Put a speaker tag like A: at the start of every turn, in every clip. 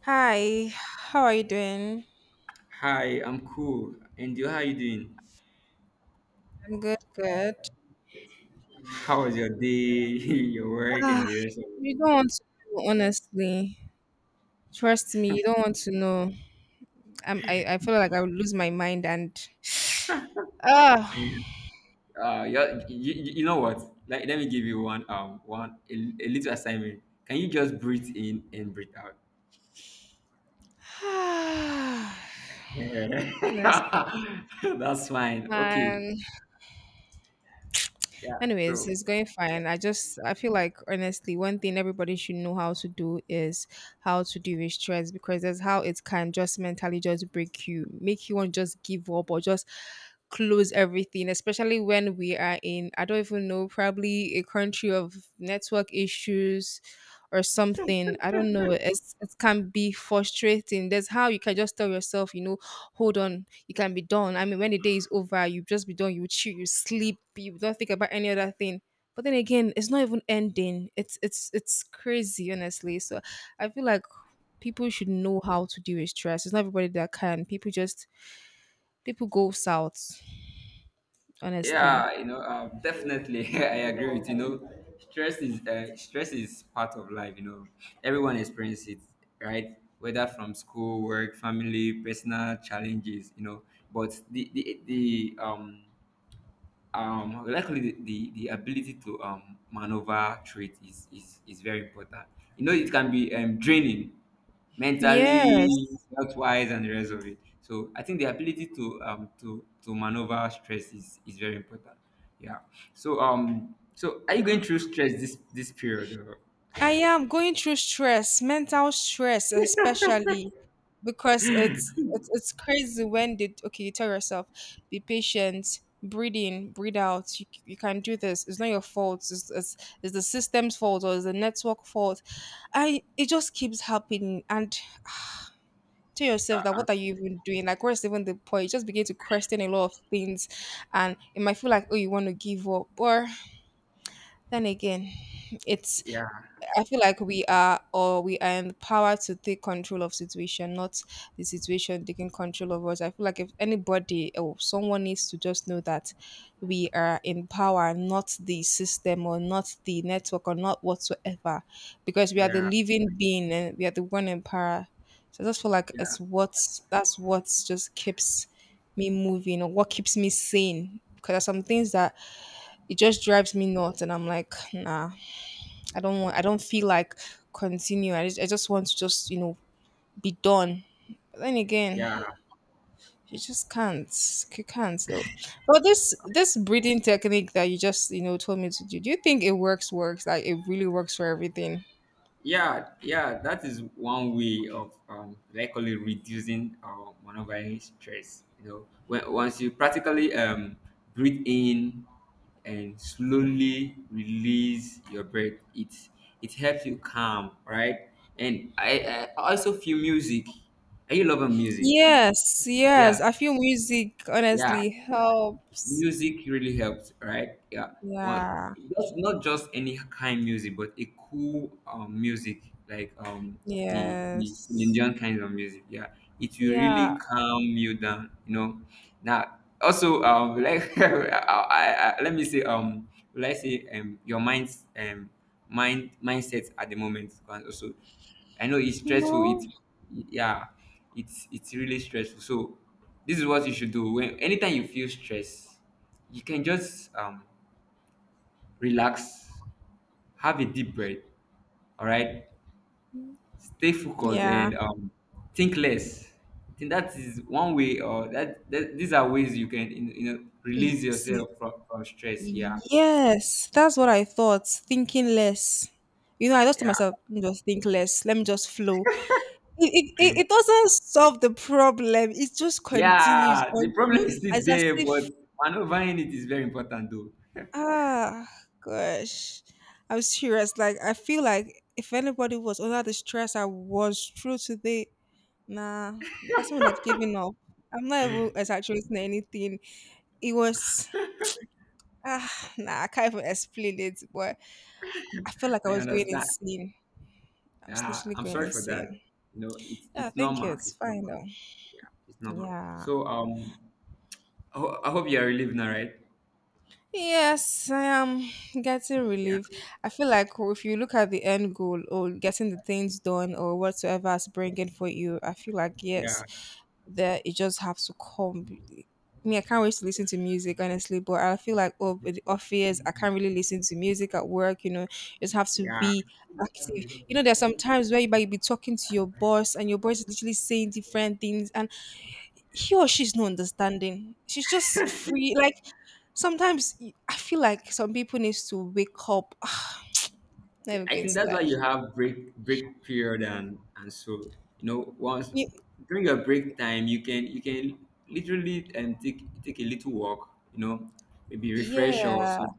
A: Hi, how are you doing?
B: Hi, I'm cool. And you, how you doing?
A: I'm good, good.
B: How was your day, your work, and
A: Ah,
B: the rest of
A: you don't want to know, honestly. Trust me, you don't want to know. I feel like I would lose my mind and ah,
B: it? Uh, you, you, you know what? Like, let me give you a little assignment. Can you just breathe in and breathe out?
A: honestly,
B: That's fine. Okay.
A: man.
B: Yeah. So.
A: Anyways, it's going fine. I feel like honestly, one thing everybody should know how to do is how to deal with stress, because that's how it can just mentally just break you, make you want to just give up or just close everything, especially when we are in, I don't even know, probably a country of network issues or something. I don't know. It can be frustrating. That's how you can just tell yourself, you know, hold on, you can be done. I mean, when the day is over, you just be done. You chill, you sleep, you don't think about any other thing. But then again, it's not even ending. It's crazy, honestly. So I feel like people should know how to deal with stress. It's not everybody that can. People go south, honestly.
B: Yeah, you know, definitely, I agree with you know, stress is part of life. You know, everyone experiences it, right? Whether from school, work, family, personal challenges, you know. But the likely the ability to maneuver trade is is very important. You know, it can be draining mentally,
A: Yes.
B: health wise, and the rest of it. So I think the ability to maneuver stress is very important. Yeah. So so are you going through stress this period or,
A: I am going through stress, mental stress especially, because it's crazy when they, okay, you tell yourself, be patient, breathe in, breathe out. You can do this. It's not your fault. It's the system's fault, or it's the network fault. I, it just keeps happening, and tell
B: uh,
A: yourself that
B: uh,
A: what are you even doing? Like where's even the point? You just begin to question a lot of things, and it might feel like, oh, you want to give up, or then again it's,
B: yeah,
A: I feel like we are, or we are in the power to take control of situation, not the situation taking control of us. I feel like if anybody or someone needs to just know that we are in power, not the system or not the network or not whatsoever, because we are the
B: yeah
A: living being and we are the one in power. So I just feel like
B: yeah
A: it's what, that's what just keeps me moving, or what keeps me sane. Because there's some things that it just drives me nuts, and I'm like, nah, I don't want. I don't feel like continue. I just want to just, you know, be done. But then again,
B: yeah.
A: you just can't. You can't though. But this breathing technique that you just, you know, told me to do. Do you think it works? Works like it really works for everything.
B: Yeah, yeah, that is one way of likely reducing our monogamous stress. You know, once you practically breathe in and slowly release your breath, it helps you calm, right? And I also feel music. Are you loving music?
A: Yes,
B: Yeah,
A: yes. I feel music
B: yeah,
A: honestly helps.
B: music really helps, right? Yeah. One,
A: Yeah.
B: just not just any kind music, but a cool music like the Celine
A: Yes.
B: Dion kind of music. Yeah, it will really
A: Yeah.
B: calm you down, you know. Now also like let me say let's say your mind's mind mindset at the moment. And also I know it's stressful.
A: No.
B: It's yeah, it's really stressful. So this is what you should do. When anytime you feel stress, you can just relax, have a deep breath. All right, stay focused
A: Yeah.
B: and think less. I think that is one way, or that these are ways you can you know,
A: E-
B: release
A: see,
B: yourself from stress. Yeah,
A: yes, that's what I thought. Thinking less. You know, I just told
B: yeah,
A: myself, "Let me just think less. Let me just flow." It doesn't solve the problem. It just continues
B: yeah. The problem
A: until,
B: is still
A: as
B: there,
A: if,
B: but maneuvering it is very important, though.
A: ah gosh. I'm serious. Like I feel like if anybody was under the stress I was through today, nah, the person would have given up. I'm not even exaggerating anything. It was, ah nah, I can't even explain it, but I felt like I
B: I
A: was going
B: understand.
A: insane. I was literally
B: I'm
A: going
B: sorry for that.
A: insane.
B: You know,
A: Yeah,
B: it's
A: thank you.
B: normal.
A: It's
B: It's
A: fine
B: normal.
A: though.
B: Yeah, it's normal.
A: Yeah.
B: So I hope you are relieved now, right?
A: Yes, I am getting
B: Yeah,
A: relief. I feel like if you look at the end goal or getting the things done or whatsoever is bringing for you, I feel like
B: yeah,
A: yes, that it just has to come. Me, I can't wait to listen to music honestly, but I feel like, oh, with the office, I can't really listen to music at work. You know, you just have to
B: yeah.
A: be active. You know, there's some times where you might be talking to your boss and your boss is literally saying different things, and he or she's not understanding. She's just free. Like sometimes y- I feel like some people needs to wake up. Never
B: I
A: going
B: think
A: to
B: that's why
A: lie.
B: you have break period and so you know once
A: You-
B: during your break time you can literally take a little walk. You know, maybe refresh or
A: yeah.
B: so.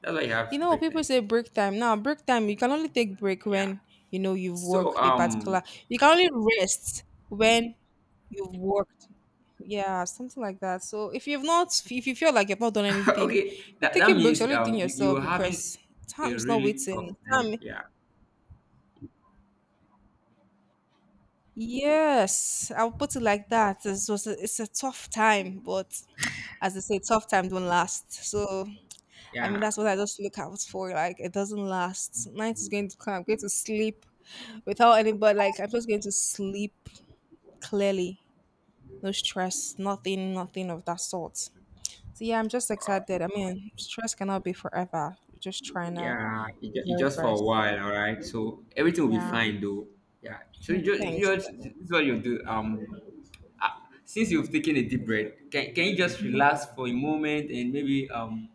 B: That's why you
A: You
B: have
A: know,
B: break
A: people
B: time.
A: say break time. Now break time, you can only take break
B: Yeah.
A: when you know you've
B: So
A: worked a particular, you can only rest when you've worked. Yeah, something like that. So if you've not, if you feel like you've not done anything,
B: okay,
A: you're
B: that, that
A: taking breaks, you're
B: means
A: only doing
B: you,
A: yourself,
B: you're having
A: because
B: a
A: time is not
B: really tough
A: waiting.
B: time.
A: Time,
B: Yeah,
A: yes, I'll put it like that. This was a, it's a tough time, but as they say, tough time don't last. So I mean,
B: yeah,
A: that's what I just look out for. Like it doesn't last. Night is going to come. I'm going to sleep without anybody. Like I'm just going to sleep clearly. No stress. Nothing. Nothing of that sort. So yeah, I'm just excited. I mean, stress cannot be forever. We're just trying to
B: yeah. It,
A: do
B: it
A: our
B: just for
A: very
B: a
A: best.
B: while, all right? So everything will be
A: Yeah.
B: fine though. Yeah. So
A: Mm-hmm. Thanks.
B: you just this is what you do. Since you've taken a deep breath, can you just
A: Mhm.
B: relax for a moment and maybe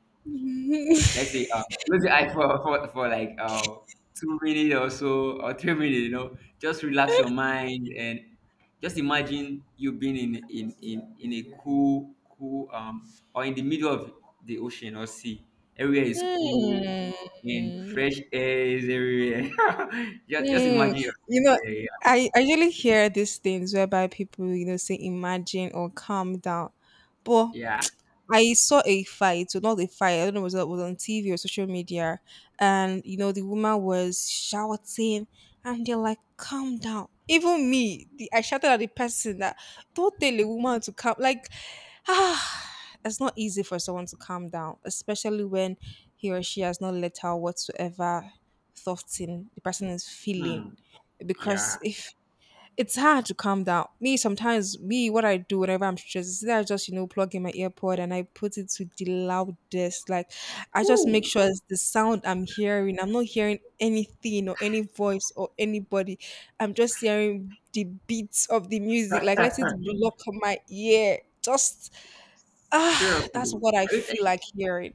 B: let's say close your eye for like 2 minutes or so or 3 minutes. You know, just relax your mind and just imagine you being in a cool cool or in the middle of the ocean or sea. Everywhere is cool and
A: Hmm.
B: fresh air is everywhere. Just
A: Hmm.
B: imagine yourself
A: You know,
B: there. Yeah,
A: I usually hear these things whereby people, you know, say imagine or calm down. But
B: yeah.
A: I saw a fight, so not a fight, I don't know, was it, was on TV or social media. And, you know, the woman was shouting and they're like, calm down. Even me, the, I shouted at the person that don't tell a woman to calm. Like, ah, it's not easy for someone to calm down, especially when he or she has not let out whatsoever thoughts in the person is feeling,
B: Hmm, yeah.
A: because if it's hard to calm down. Me sometimes, me what I do whenever I'm stressed is that I just, you know, plug in my earpod and I put it to the loudest. Like I just make
B: Woo.
A: sure it's the sound I'm hearing. I'm not hearing anything or any voice or anybody. I'm just hearing the beats of the music. Like let it block my ear. Just that's
B: Seriously,
A: what I
B: are you,
A: feel like hearing.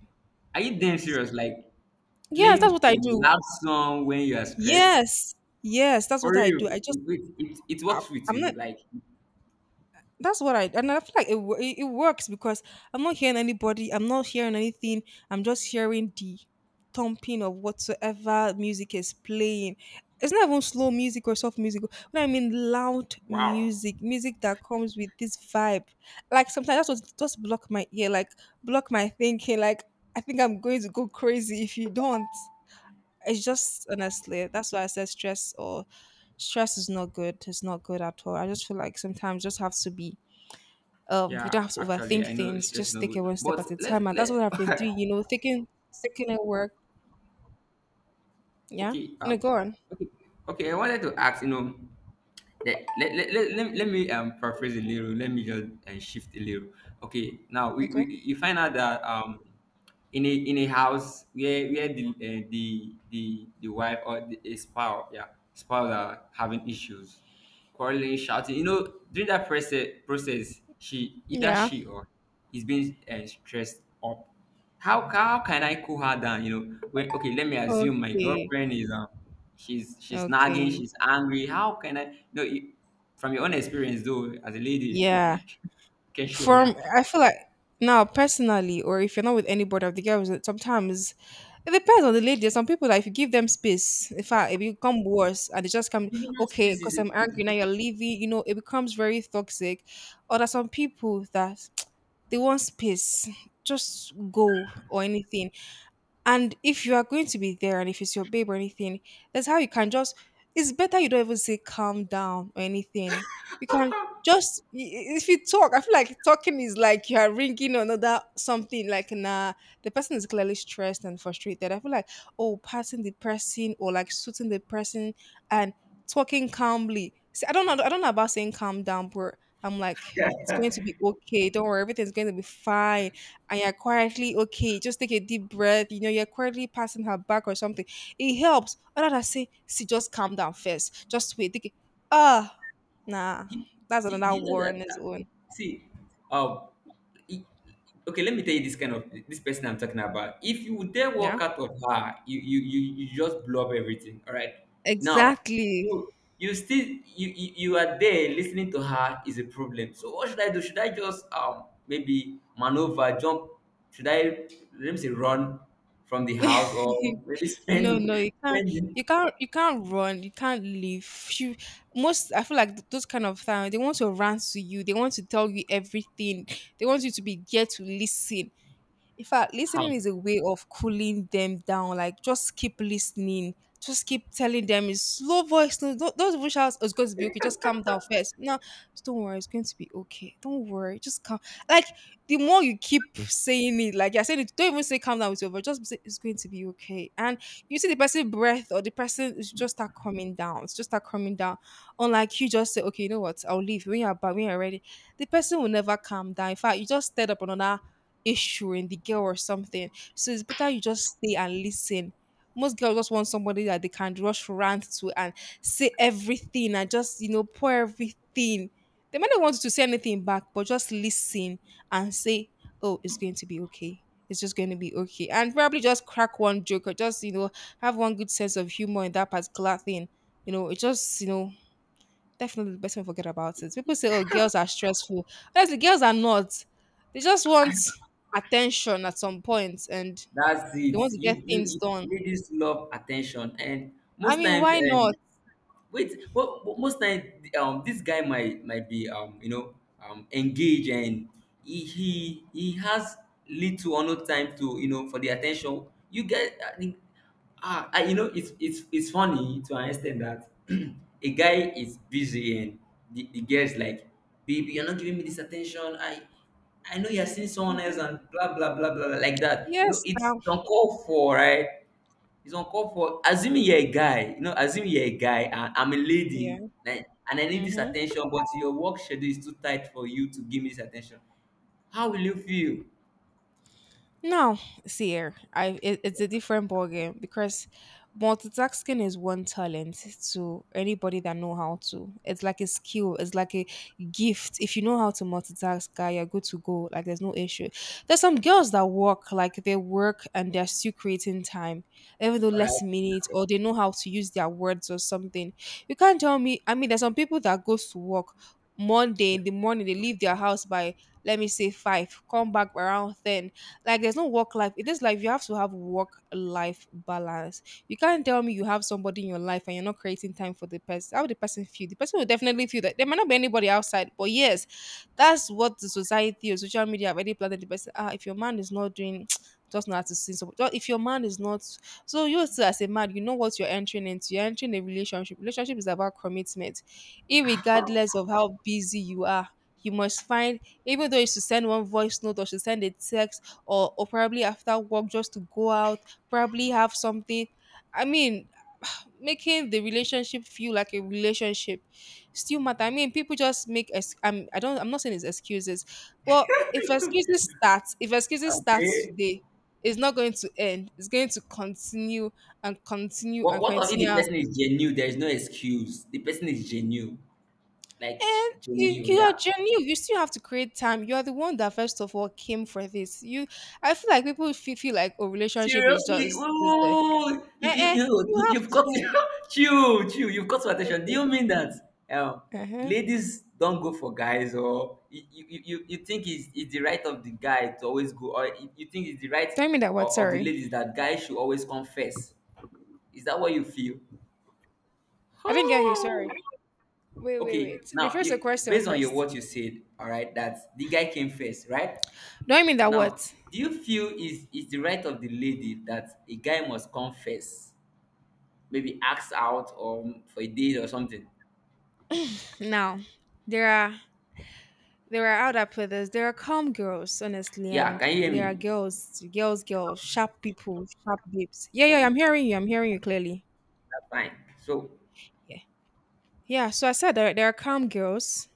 B: are you damn
A: In
B: serious, like
A: yes, that's
B: playing
A: what
B: a
A: I do.
B: loud song when you are stressed?
A: Yes, yes, that's
B: For
A: what I
B: real,
A: do. I just
B: it
A: I'm,
B: works with
A: I'm
B: you.
A: not,
B: Like,
A: that's what I, and I feel like it, wo- it works because I'm not hearing anybody, I'm not hearing anything, I'm just hearing the thumping of whatsoever music is playing. It's not even slow music or soft music. When I mean loud
B: wow.
A: music, music that comes with this vibe. Like sometimes that's what just block my ear, like block my thinking. Like I think I'm going to go crazy if you don't. It's just honestly, that's why I said stress, or stress is not good. It's not good at all. I just feel like sometimes just have to be, you
B: Yeah,
A: don't have to
B: actually, I
A: overthink
B: know
A: things.
B: stress is
A: Just
B: not
A: take it
B: good,
A: one step at a
B: but let's
A: time, and that's what
B: let.
A: I've been doing. You know, taking, taking it work. Yeah.
B: Okay,
A: No, go on.
B: okay, okay. I wanted to ask. You know, let me paraphrase a little, let me just shift a little. Okay, now we
A: Okay.
B: you find out that in a house where the wife or the a spouse, yeah, spouse are having issues, quarreling, shouting, you know. During that process she either
A: Yeah.
B: she or is being stressed up, how can I cool her down? You know, when okay, let me assume my
A: Okay.
B: girlfriend is she's nagging,
A: Okay.
B: she's angry. How can I? No, you, from your own experience though, as a lady,
A: Yeah.
B: you can share. Yeah,
A: From, I feel like now personally, or if you're not with anybody of the girls, that sometimes it depends on the lady. There's some people that if you give them space, in fact, it become worse, and they just come,
B: giving her
A: okay
B: space
A: because I'm angry now.
B: is
A: You're leaving. You know, it becomes very toxic. Or there's some people that they want space, just go or anything, and if you are going to be there and if it's your babe or anything, that's how you can just, it's better you don't even say calm down or anything. You can just I- if you talk, I feel like talking is like you are ringing another something, like nah, the person is clearly stressed and frustrated. I feel like, oh, passing the person or like suiting the person, and talking calmly. See, I don't know about saying calm down, but I'm like it's going to be okay. Don't worry, everything's going to be fine, and you're quietly okay, just take a deep breath, you know, you're quietly passing her back or something. It helps. Other than say, see, just calm down first. Just wait. Take it. Ah, nah.
B: you,
A: That's
B: see,
A: another
B: you know
A: war on
B: that.
A: its own.
B: See, um, it- okay. Let me tell you this kind of this person I'm talking about. If you dare walk
A: Yeah.
B: out of her, you just blow up everything. All right. Now,
A: Exactly.
B: you you are there listening to her is a problem. So what should I do? Should I just maybe maneuver, jump? Should I let me say run from the house or maybe
A: no,
B: spend
A: no, you can't,
B: spend the-
A: you can't run, you can't leave. You most, I feel like th- those kind of things, they want to rant to you, they want to tell you everything, they want you to be there to listen. In fact,
B: how?
A: listening is a way of cooling them down. Like just keep listening. Just keep telling them in slow voice. No, don't even shout, "Oh, it's going to be okay. Just calm down first." No, just don't worry. It's going to be okay. Don't worry. Just calm. Like the more you keep saying it, like you're saying it, don't even say calm down with your voice. Just say it's going to be okay. And you see the person breath, or the person is just start coming down. It's just start coming down. Unlike you just say, okay, you know what? I'll leave when you're back, when you're ready. The person will never calm down. In fact, you just stirred up another issue in the girl or something. So it's better you just stay and listen. Most girls just want somebody that they can rush rant to and say everything and just, pour everything. They might not want you to say anything back, but just listen and say, oh, it's going to be okay. It's just going to be okay. And probably just crack one joke or just, have one good sense of humor in that particular thing. You know, it just, you know, Definitely the best way to forget about it. People say, oh, girls are stressful. Honestly, girls are not. They just want attention at some point, and
B: That's
A: they
B: it.
A: want to get
B: You,
A: things
B: you
A: done.
B: ladies love attention, and
A: I
B: most
A: mean,
B: times,
A: why not?
B: wait well but most time this guy might be you know engaged and he has little or no time to you know for the attention you get. I think ah, I, you know it's funny to understand that a guy is busy and the girl is like, baby you're not giving me this attention. I know you're seeing someone else
A: Mhm.
B: and blah blah blah blah, blah like that, you know.
A: Yes,
B: It's
A: now.
B: uncalled for, right? It's uncalled for. Assuming you're a guy, you know, assuming you're a guy and I'm a lady,
A: Yeah.
B: like, and I need this
A: Hmm.
B: attention, but your work schedule is too tight for you to give me this attention. How will you feel?
A: Now, see here, it's a different ballgame because multitasking is one talent to anybody that know how to. It's like a skill, it's like a gift. If you know how to multitask, guy, you're good to go. Like there's no issue. There's some girls that work, like they work and they're still creating time, even though
B: All right,
A: less minutes, or they know how to use their words or something. You can't tell me. I mean, there's some people that goes to work Monday in the morning, they leave their house by, let me say, five, come back around ten. Like there's no work life. In this life, you have to have work life balance. You can't tell me you have somebody in your life and you're not creating time for the person. How would the person feel? The person will definitely feel that there might not be anybody outside. But yes, that's what the society or social media have already planted the person. Ah, if your man is not doing just not to see somebody. If your man is not, so you still as a man, you know what you're entering into. You're entering a relationship. Relationship is about commitment. Irregardless of how busy you are, you must find, even though you should send one voice note or should send a text or probably after work just to go out, probably have something. I mean, making the relationship feel like a relationship still matter. I mean, people just make ex-, I'm I don't I'm not saying it's excuses, but if excuses start, if excuses starts
B: okay.
A: today, it's not going to end. It's going to continue and continue
B: But
A: and
B: what of if the
A: continue.
B: person is genuine? There is no excuse. The person is genuine, like
A: And you,
B: genuine,
A: you are
B: yeah.
A: genuine. You still have to create time. You are the one that first of all came for this. You, I feel like people feel like a relationship is
B: Seriously,
A: just is the
B: oh,
A: Eh-eh, you have
B: you've got to
A: to.
B: chill. You've got to attention. Do you
A: Okay.
B: mean that um,
A: Uh-huh.
B: ladies don't go for guys, or you think it's the right of the guy to always go, or you think it's the right
A: Don't mean that what?
B: of the
A: Sorry.
B: ladies that guys should always confess? Is that what you feel?
A: I didn't get you.
B: Oh,
A: Sorry. Wait, wait,
B: okay.
A: wait.
B: Now,
A: Rephrase the
B: you,
A: question
B: based on your
A: first.
B: what you said, all right, that the guy came first, right?
A: Don't mean that
B: Now,
A: what?
B: do you feel is the right of the lady that a guy must confess? Maybe ask out or for a date or something.
A: Now, there are there are other players. There are calm girls, honestly,
B: Yeah,
A: and
B: can you hear
A: there are
B: me?
A: girls, sharp people, sharp babes. Yeah, yeah, yeah, I'm hearing you. I'm hearing you clearly.
B: That's fine. So,
A: Yeah, yeah. So I said there are calm girls,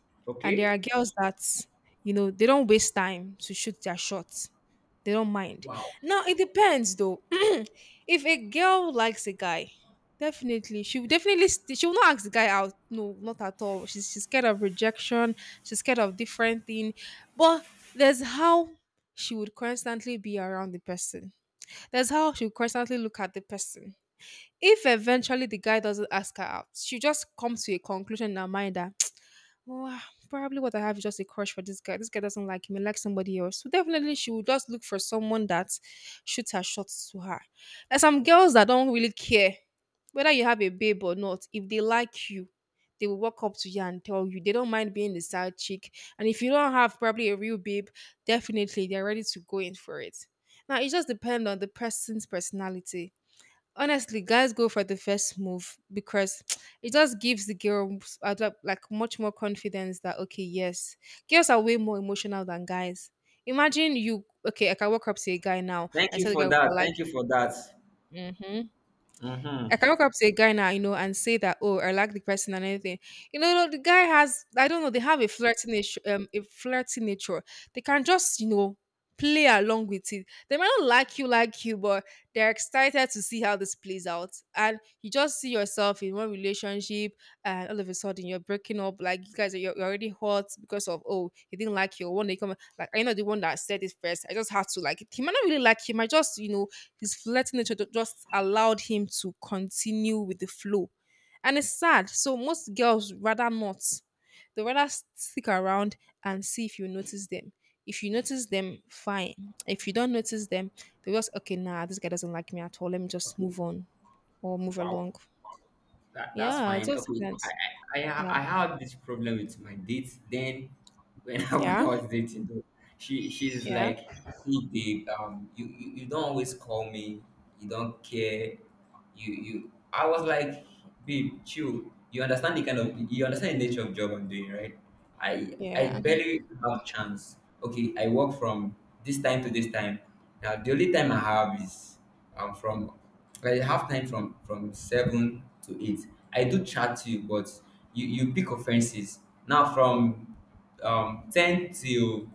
A: and there are
B: okay.
A: girls that, you know, they don't waste time to shoot their shots. They don't mind.
B: Wow.
A: Now it depends though. If a girl likes a guy, definitely she will not ask the guy out. No, not at all. She's scared of rejection. She's scared of different thing. But there's how she would constantly be around the person. That's how she would constantly look at the person. If eventually the guy doesn't ask her out, she just comes to a conclusion in her mind that, well, probably what I have is just a crush for this guy. This guy doesn't like me, like somebody else. So definitely she will just look for someone that shoots her shots to her. There's some girls that don't really care whether you have a babe or not. If they like you, they will walk up to you and tell you. They don't mind being the side chick. And if you don't have probably a real babe, definitely they're ready to go in for it. Now it just depends on the person's personality. Honestly, guys go for the first move because it just gives the girls like much more confidence that, okay, yes, girls are way more emotional than guys. Imagine you, okay, I can walk up to a guy now
B: Thank
A: and
B: you
A: tell the
B: for
A: guy I
B: that. Thank
A: like.
B: you for that.
A: Hmm. I
B: Mm-hmm.
A: can walk up to a guy now, you know, and say that, oh, I like the person and anything. You know, no, the guy has, I don't know, they have a flirty nature, a flirty nature. They can just, you know, play along with it. They might not like you, but they're excited to see how this plays out. And you just see yourself in one relationship, and all of a sudden you're breaking up. Like you guys, are you're already hot because of oh, he didn't like you. One day come, like I know the one that said it first. I just have to like. It. He might not really like you. He might just, you know, his flirting nature just allowed him to continue with the flow. And it's sad. So most girls rather not. They rather stick around and see if you notice them. If you notice them, fine. If you don't notice them, they just okay, nah, this guy doesn't like me at all. Let me just
B: Okay.
A: move on or move
B: Wow.
A: along.
B: That's
A: Yeah, it
B: fine.
A: just
B: Okay,
A: depends. Yeah.
B: I had this problem with my date. Then when when I
A: Yeah.
B: was dating, though, she's
A: Yeah.
B: like, "Hey babe, you don't always call me. You don't care. You you." I was like, "Babe, chill. You understand the kind of you understand the nature of job I'm doing, right? I
A: Yeah.
B: barely have chance. Okay, I work from this time to this time. Now the only time I have is from I have time from seven to eight. I do chat to you but you pick offenses now from ten till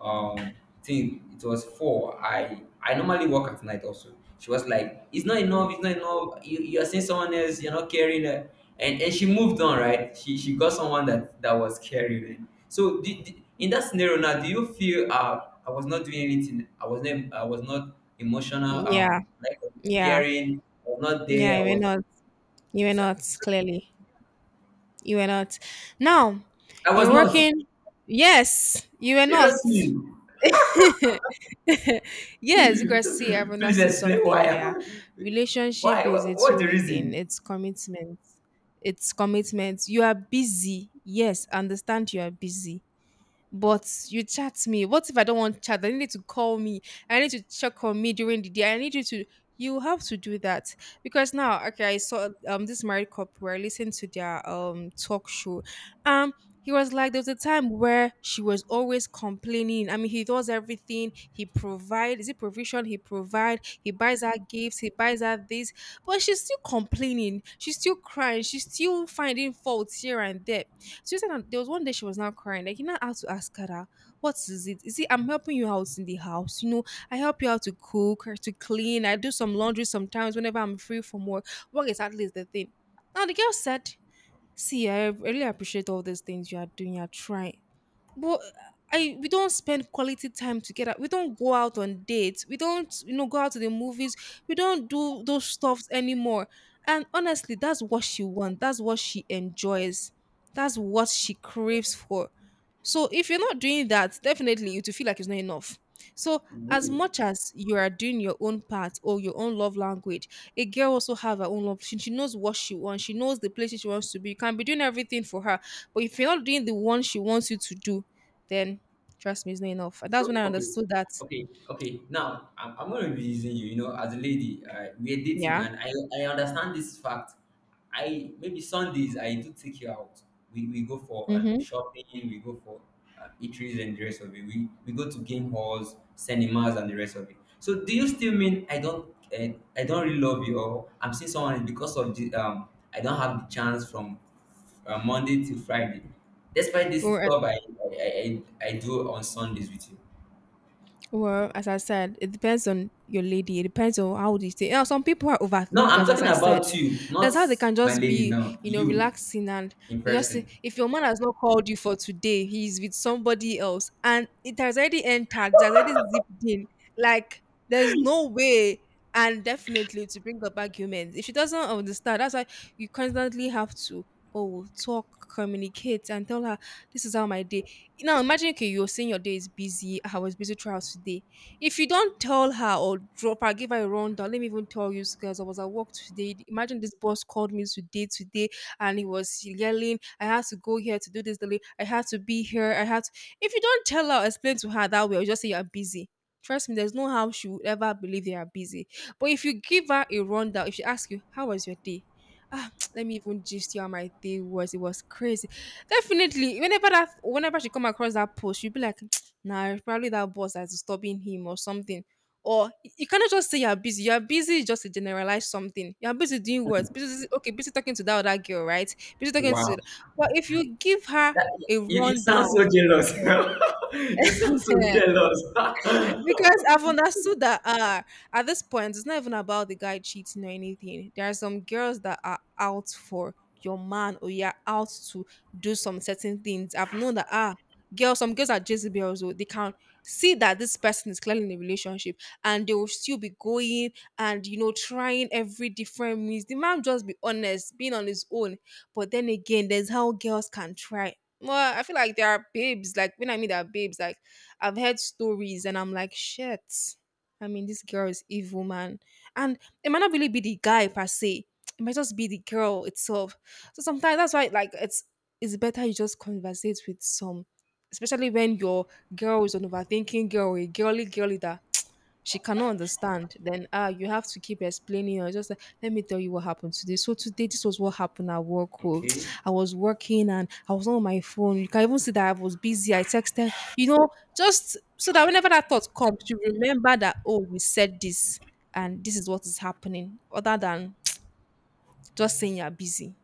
B: um thing it was four. I normally work at night also." She was like, "It's not enough, it's not enough. You're seeing someone else, you're not caring, eh." And she moved on, right? She got someone that that was caring, eh. So, do, do- in that scenario now, do you feel I was not doing anything, I was not, I was not emotional,
A: Yeah.
B: like,
A: Yeah.
B: caring, I was not
A: Yeah.
B: there.
A: You were not. You were not clearly. You were not. Now
B: I was
A: you're
B: not,
A: working. Yes, you were not.
B: seriously.
A: Yes, because see, I've
B: Please
A: understood
B: explain
A: something
B: why. I-
A: here. Relationship
B: why?
A: is a
B: What, what's the
A: two-way thing.
B: reason?
A: It's commitment. It's commitment. You are busy. Yes, understand you are busy, but you chat me. What if I don't want chat? I need to call me. I need to check on me during the day. I need you to. You have to do that because now, okay, I saw this married couple were listening to their talk show. Um, he was like, there was a time where she was always complaining. I mean, he does everything. He provide. Is it provision? He provide. He buys her gifts. He buys her this, but she's still complaining. She's still crying. She's still finding faults here and there. She said that there was one day she was now crying. Like, you know, how to ask her, that, what is it? Is it I'm helping you out in the house? You know, I help you out to cook or to clean. I do some laundry sometimes whenever I'm free from work. What exactly is the thing? Now the girl said, see, I really appreciate all these things you are doing, you are trying, but I we don't spend quality time together. We don't go out on dates. We don't, you know, go out to the movies. We don't do those stuffs anymore. And honestly, that's what she wants. That's what she enjoys. That's what she craves for. So if you're not doing that, definitely you to feel like it's not enough. So as much as you are doing your own part or your own love language, a girl also have her own love. She knows what she wants. She knows the places she wants to be. You can be doing everything for her, but if you're not doing the one she wants you to do, then trust me, it's not enough. And that's
B: So
A: when I
B: okay,
A: understood that.
B: okay, okay. Now I'm gonna be using you. You know, as a lady, we are dating,
A: Yeah.
B: and I understand this fact. I maybe Sundays I do take you out. We go for
A: Mm-hmm.
B: shopping. We go for eateries and the rest of it. We go to game halls, cinemas, and the rest of it. So do you still mean I don't really love you, or I'm seeing someone because of the I don't have the chance from Monday to Friday. Despite
A: We
B: this
A: were,
B: stuff I do on Sundays with you.
A: well, as I said, it depends on your lady. It depends on how they stay. You know, some people are
B: No, I'm
A: overthinkers, as
B: talking
A: I
B: about
A: said.
B: you, not
A: That's how they can
B: my
A: just
B: lady
A: be,
B: now.
A: you know,
B: You
A: relaxing and
B: in
A: they just say,
B: person.
A: if your man has not called you for today, he's with somebody else. And it has already entered, it has already zipped in. Like, there's no way. And definitely to bring up arguments. If she doesn't understand, that's why you constantly have to, oh, talk, communicate, and tell her, this is how my day. Now imagine okay, you're saying your day is busy. I was busy throughout today. If you don't tell her or drop her, give her a rundown. Let me even tell you guys, I was at work today. Imagine this boss called me today, today, and he was yelling, I had to go here to do this, delay. I had to be here. I had to, if you don't tell her explain to her that way, or just say you're busy. Trust me, there's no how she would ever believe you are busy. But if you give her a rundown, if she asks you, how was your day? Ah, let me even gist you how my day was. It was crazy. Definitely. Whenever that whenever she come across that post, she'll be like, nah, it's probably that boss that's disturbing him or something. Or you cannot just say you're busy. You're busy is just to generalize something. You're busy doing what? Busy okay, busy talking to that other girl, right? Busy talking to
B: Wow.
A: but if you give her
B: That,
A: a
B: you, you sound
A: rundown.
B: so jealous. You sound so jealous.
A: Because I've understood that at this point it's not even about the guy cheating or anything. There are some girls that are out for your man or you're out to do some certain things. I've known that girls, some girls are Jezebels, so they can see that this person is clearly in a relationship and they will still be going and trying every different means. The man just be honest, being on his own. But then again, there's how girls can try. Well, I feel like there are babes, like when I mean there are babes, like I've heard stories and I'm like, shit. I mean, this girl is evil, man. And it might not really be the guy per se. It might just be the girl itself. So sometimes that's why like it's better you just conversate with some, especially when your girl is an overthinking girl, a girly girl leader she cannot understand. Then you have to keep explaining or just like, let me tell you what happened today. So today this was what happened at work. Oh.
B: Okay.
A: I was working and I was on my phone. You can even see that I was busy. I texted, just so that whenever that thought comes, you remember that oh, we said this and this is what is happening, other than just saying you're busy.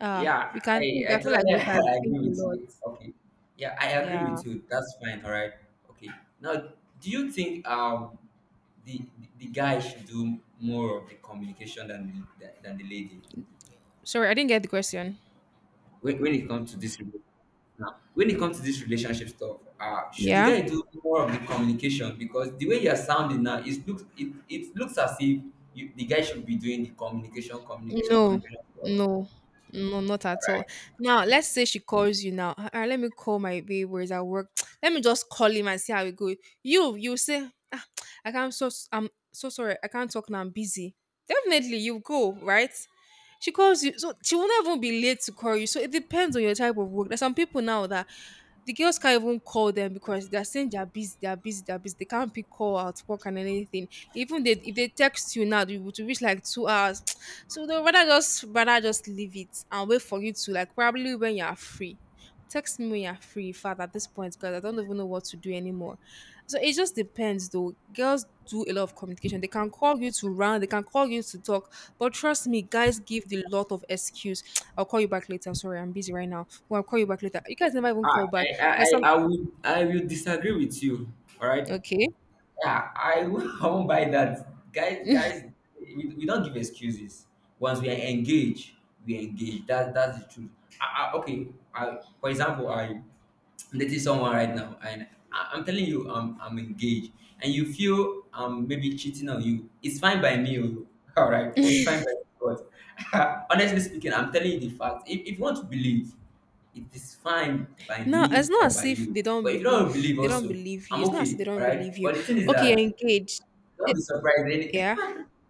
A: Ah, we
B: Yeah,
A: can think.
B: I
A: I feel like
B: totally
A: we can think
B: agree
A: a
B: with
A: lot.
B: you. Okay. Yeah, I agree
A: Yeah.
B: with you. That's fine. All right. Okay. Now, do you think the the guy should do more of the communication than the lady
A: Sorry, I didn't get the question.
B: when it comes to this relationship? Now, when it comes to this relationship stuff, should the
A: Yeah.
B: guy do more of the communication? Because the way you are sounding now, it looks it looks as if you, the guy should be doing the communication, communication,
A: No,
B: communication.
A: no, no, not at all. Now, let's say she calls you now. "Ah, ah, let me call my babe where is at work. Let me just call him and see how it goes." You say, ah, I can't. So I'm so sorry. I can't talk now. I'm busy. Definitely, you go right. She calls you, so she will not even be late to call you. So it depends on your type of work. There's some people now that the girls can't even call them because they're saying they're busy, they're busy, they're busy. They can't pick call out work and anything. Even they, if they text you now, you will to reach like 2 hours. So they would rather just leave it and wait for you to like probably when you are free. Text me when you're free, Father, at this point, because I don't even know what to do anymore. So it just depends though. Girls do a lot of communication. They can call you to run, they can call you to talk. But trust me, guys give the lot of excuse. I'll call you back later. Sorry, I'm busy right now. Well, I'll call you back later. You guys never even
B: Ah,
A: call back. There's some.
B: I would I will disagree with you. All right.
A: Okay.
B: Yeah, I won't buy that. Guys, guys, we don't give excuses. Once we are engaged, we engage. That that's the truth. Okay. I, for example, I dating someone right now, and I'm telling you, I'm engaged, and you feel I'm maybe cheating on you. It's fine by me. Oh. All right. It's fine by me. But honestly speaking, I'm telling you the fact. If you want to believe it is fine by
A: No,
B: me
A: it's not
B: or
A: as
B: by
A: if
B: you.
A: they don't
B: But if you don't
A: believe
B: believe
A: they don't
B: also,
A: believe you.
B: I'm
A: It's not as if
B: okay,
A: they
B: all
A: don't believe
B: right?
A: you.
B: But the thing is
A: Okay, you're
B: that
A: engaged. Eh,
B: don't be surprised. Any,
A: yeah.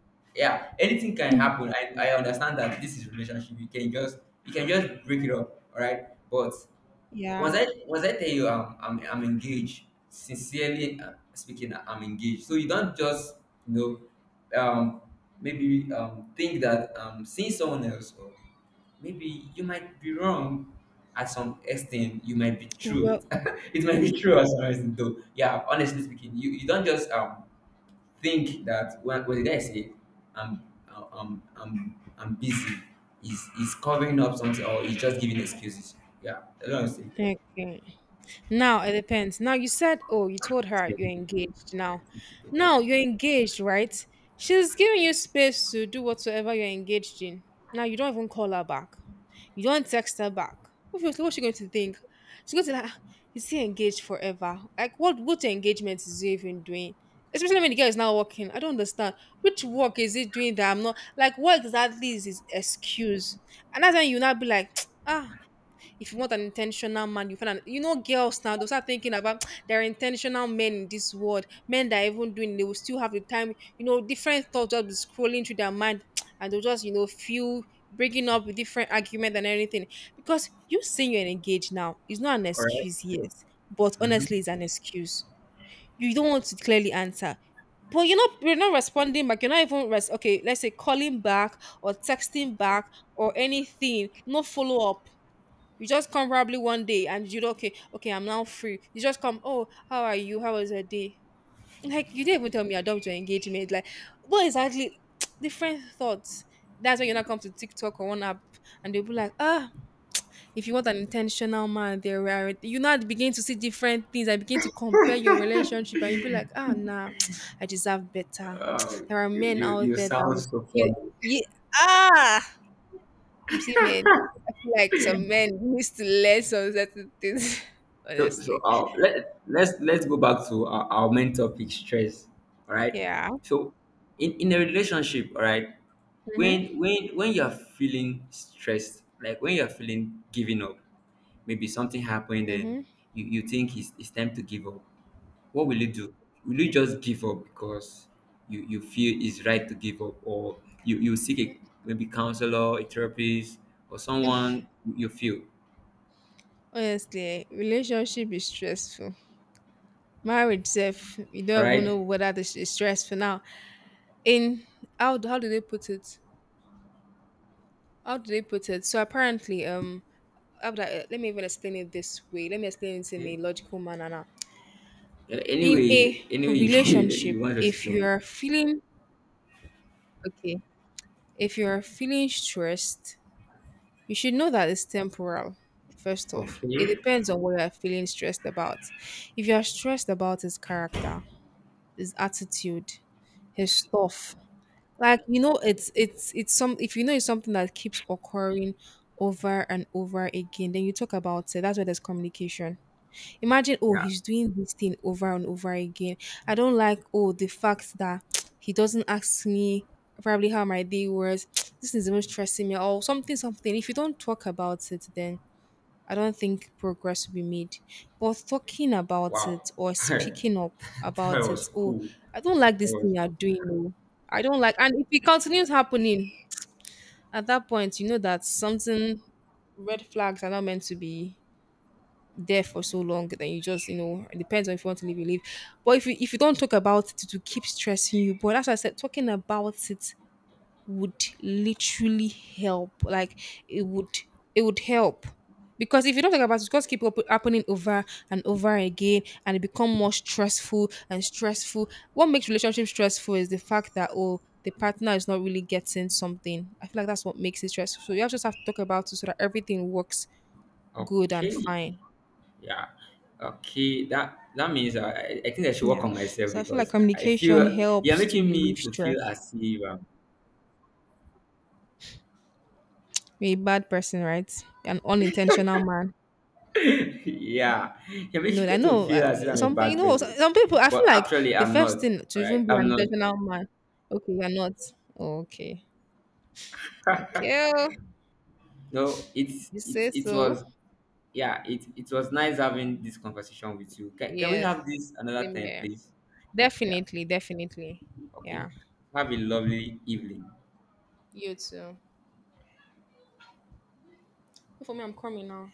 B: yeah, anything can happen. I understand that this is relationship. You can just break it up, all right? But
A: Yeah.
B: once I tell you I'm engaged, sincerely speaking, I'm engaged. So you don't just you know maybe think that seeing someone else or maybe you might be wrong at some extent. You might be true.
A: Well,
B: It might be true at some extent though. Yeah, honestly speaking, you don't just think that when the guy say I'm I'm busy, he's covering up something or he's just giving excuses. Yeah, that's what I'm saying.
A: okay. Now it depends. Now you said, oh, you told her you're engaged now. Now you're engaged, right? She's giving you space to do whatsoever you're engaged in. Now you don't even call her back. You don't text her back. Obviously, what's she going to think? She's going to be like, "Ah, is he engaged forever? Like, what engagement is he even doing? Especially when the girl is not working. I don't understand. Which work is he doing that I'm not like what exactly is his excuse?" And that's when you now be like, ah, if you want an intentional man, you find an girls now those are thinking about there are intentional men in this world, men that are even doing they will still have the time, different thoughts just be scrolling through their mind and they'll just, feel breaking up with different argument and everything. Because you saying you're engaged now is not an
B: All right.
A: excuse, yes. But
B: Hmm.
A: honestly, it's an excuse. You don't want to clearly answer but you're not responding back. You're not even okay. Let's say calling back or texting back or anything. No follow up. You just come probably one day and you do okay, okay, I'm now free. You just come, oh, how are you? How was your day? Like you didn't even tell me I dumped your engagement. Like what exactly different thoughts? That's when you now come to TikTok or one app and they'll be like, ah, if you want an intentional man, there are you now begin to see different things. I begin to compare your relationship and you'll be like, ah nah, I deserve better.
B: Uh,
A: There are
B: you,
A: men
B: you
A: out
B: you
A: there that
B: sound
A: would
B: so
A: you,
B: funny.
A: you ah see men, I feel like some men used to learn some certain things,
B: So so
A: honestly.
B: let let's go back to our main topic, stress. All right.
A: Yeah.
B: So in a relationship, all right,
A: Mhm.
B: when you're feeling stressed, like when you're feeling giving up, maybe something happened and
A: Mhm.
B: you think it's time to give up. What will you do? Will you just give up because you feel it's right to give up, or you seek a maybe counselor, a therapist, or someone you feel,
A: Honestly, relationship is stressful. Marriage self, you
B: all
A: don't even
B: right?
A: know whether this is stressful now. In how do they put it? How do they put it? So apparently, let me even explain it this way. Let me explain it in
B: Okay.
A: a logical manner now.
B: Yeah,
A: In
B: anyway,
A: a
B: anyway, you,
A: relationship,
B: you want to
A: if you
B: explain
A: are feeling okay, if you are feeling stressed, you should know that it's temporal, first
B: it.
A: off. It
B: Okay.
A: depends on what you're feeling stressed about. If you're stressed about his character, his attitude, his stuff, like it's some if you know it's something that keeps occurring over and over again, then you talk about it. That's where there's communication. Imagine, oh,
B: Yeah.
A: he's doing this thing over and over again. I don't like, oh, the fact that he doesn't ask me probably how my day was. This is even stressing me or something, something. If you don't talk about it, then I don't think progress will be made. But talking about
B: Wow.
A: it or
B: That
A: speaking up about
B: was
A: it, oh,
B: cool.
A: I don't like
B: That
A: this
B: was
A: thing you're doing. Oh. I don't like, and if it continues happening, at that point, you know that something red flags are not meant to be there for so long. Then you just, it depends on if you want to leave, you leave. But if you don't talk about it, it will keep stressing you. But as I said, talking about it would literally help. Like it would it would help. Because if you don't talk about it, it's just keep happening over and over again and it become more stressful and stressful. What makes relationship stressful is the fact that oh the partner is not really getting something. I feel like that's what makes it stressful. So just have to talk about it so that everything works good and
B: okay.
A: fine.
B: Yeah. Okay. That that means I think I should work
A: Yeah.
B: on myself
A: So I feel like
B: because I
A: communication
B: feel you're
A: helps to
B: making me
A: relieve
B: to feel
A: stress.
B: as if I'm
A: You're a bad person, right? An unintentional man.
B: yeah, you're making
A: I
B: me to
A: know,
B: feel as if I'm a
A: some peo you
B: bad
A: know,
B: person,
A: some people I
B: but
A: feel like
B: actually
A: the
B: I'm not.
A: first thing to
B: All right,
A: even be
B: I'm
A: an
B: not.
A: intentional man okay, you're not. Okay. Okay oh,
B: So
A: you
B: it's
A: say
B: it
A: so.
B: was yeah it was nice having this conversation with you. Can we
A: Yes,
B: have this another
A: same
B: time,
A: here.
B: please? Yeah.
A: Definitely, definitely.
B: Okay.
A: Yeah.
B: Have a lovely evening.
A: You too. For me, I'm coming now.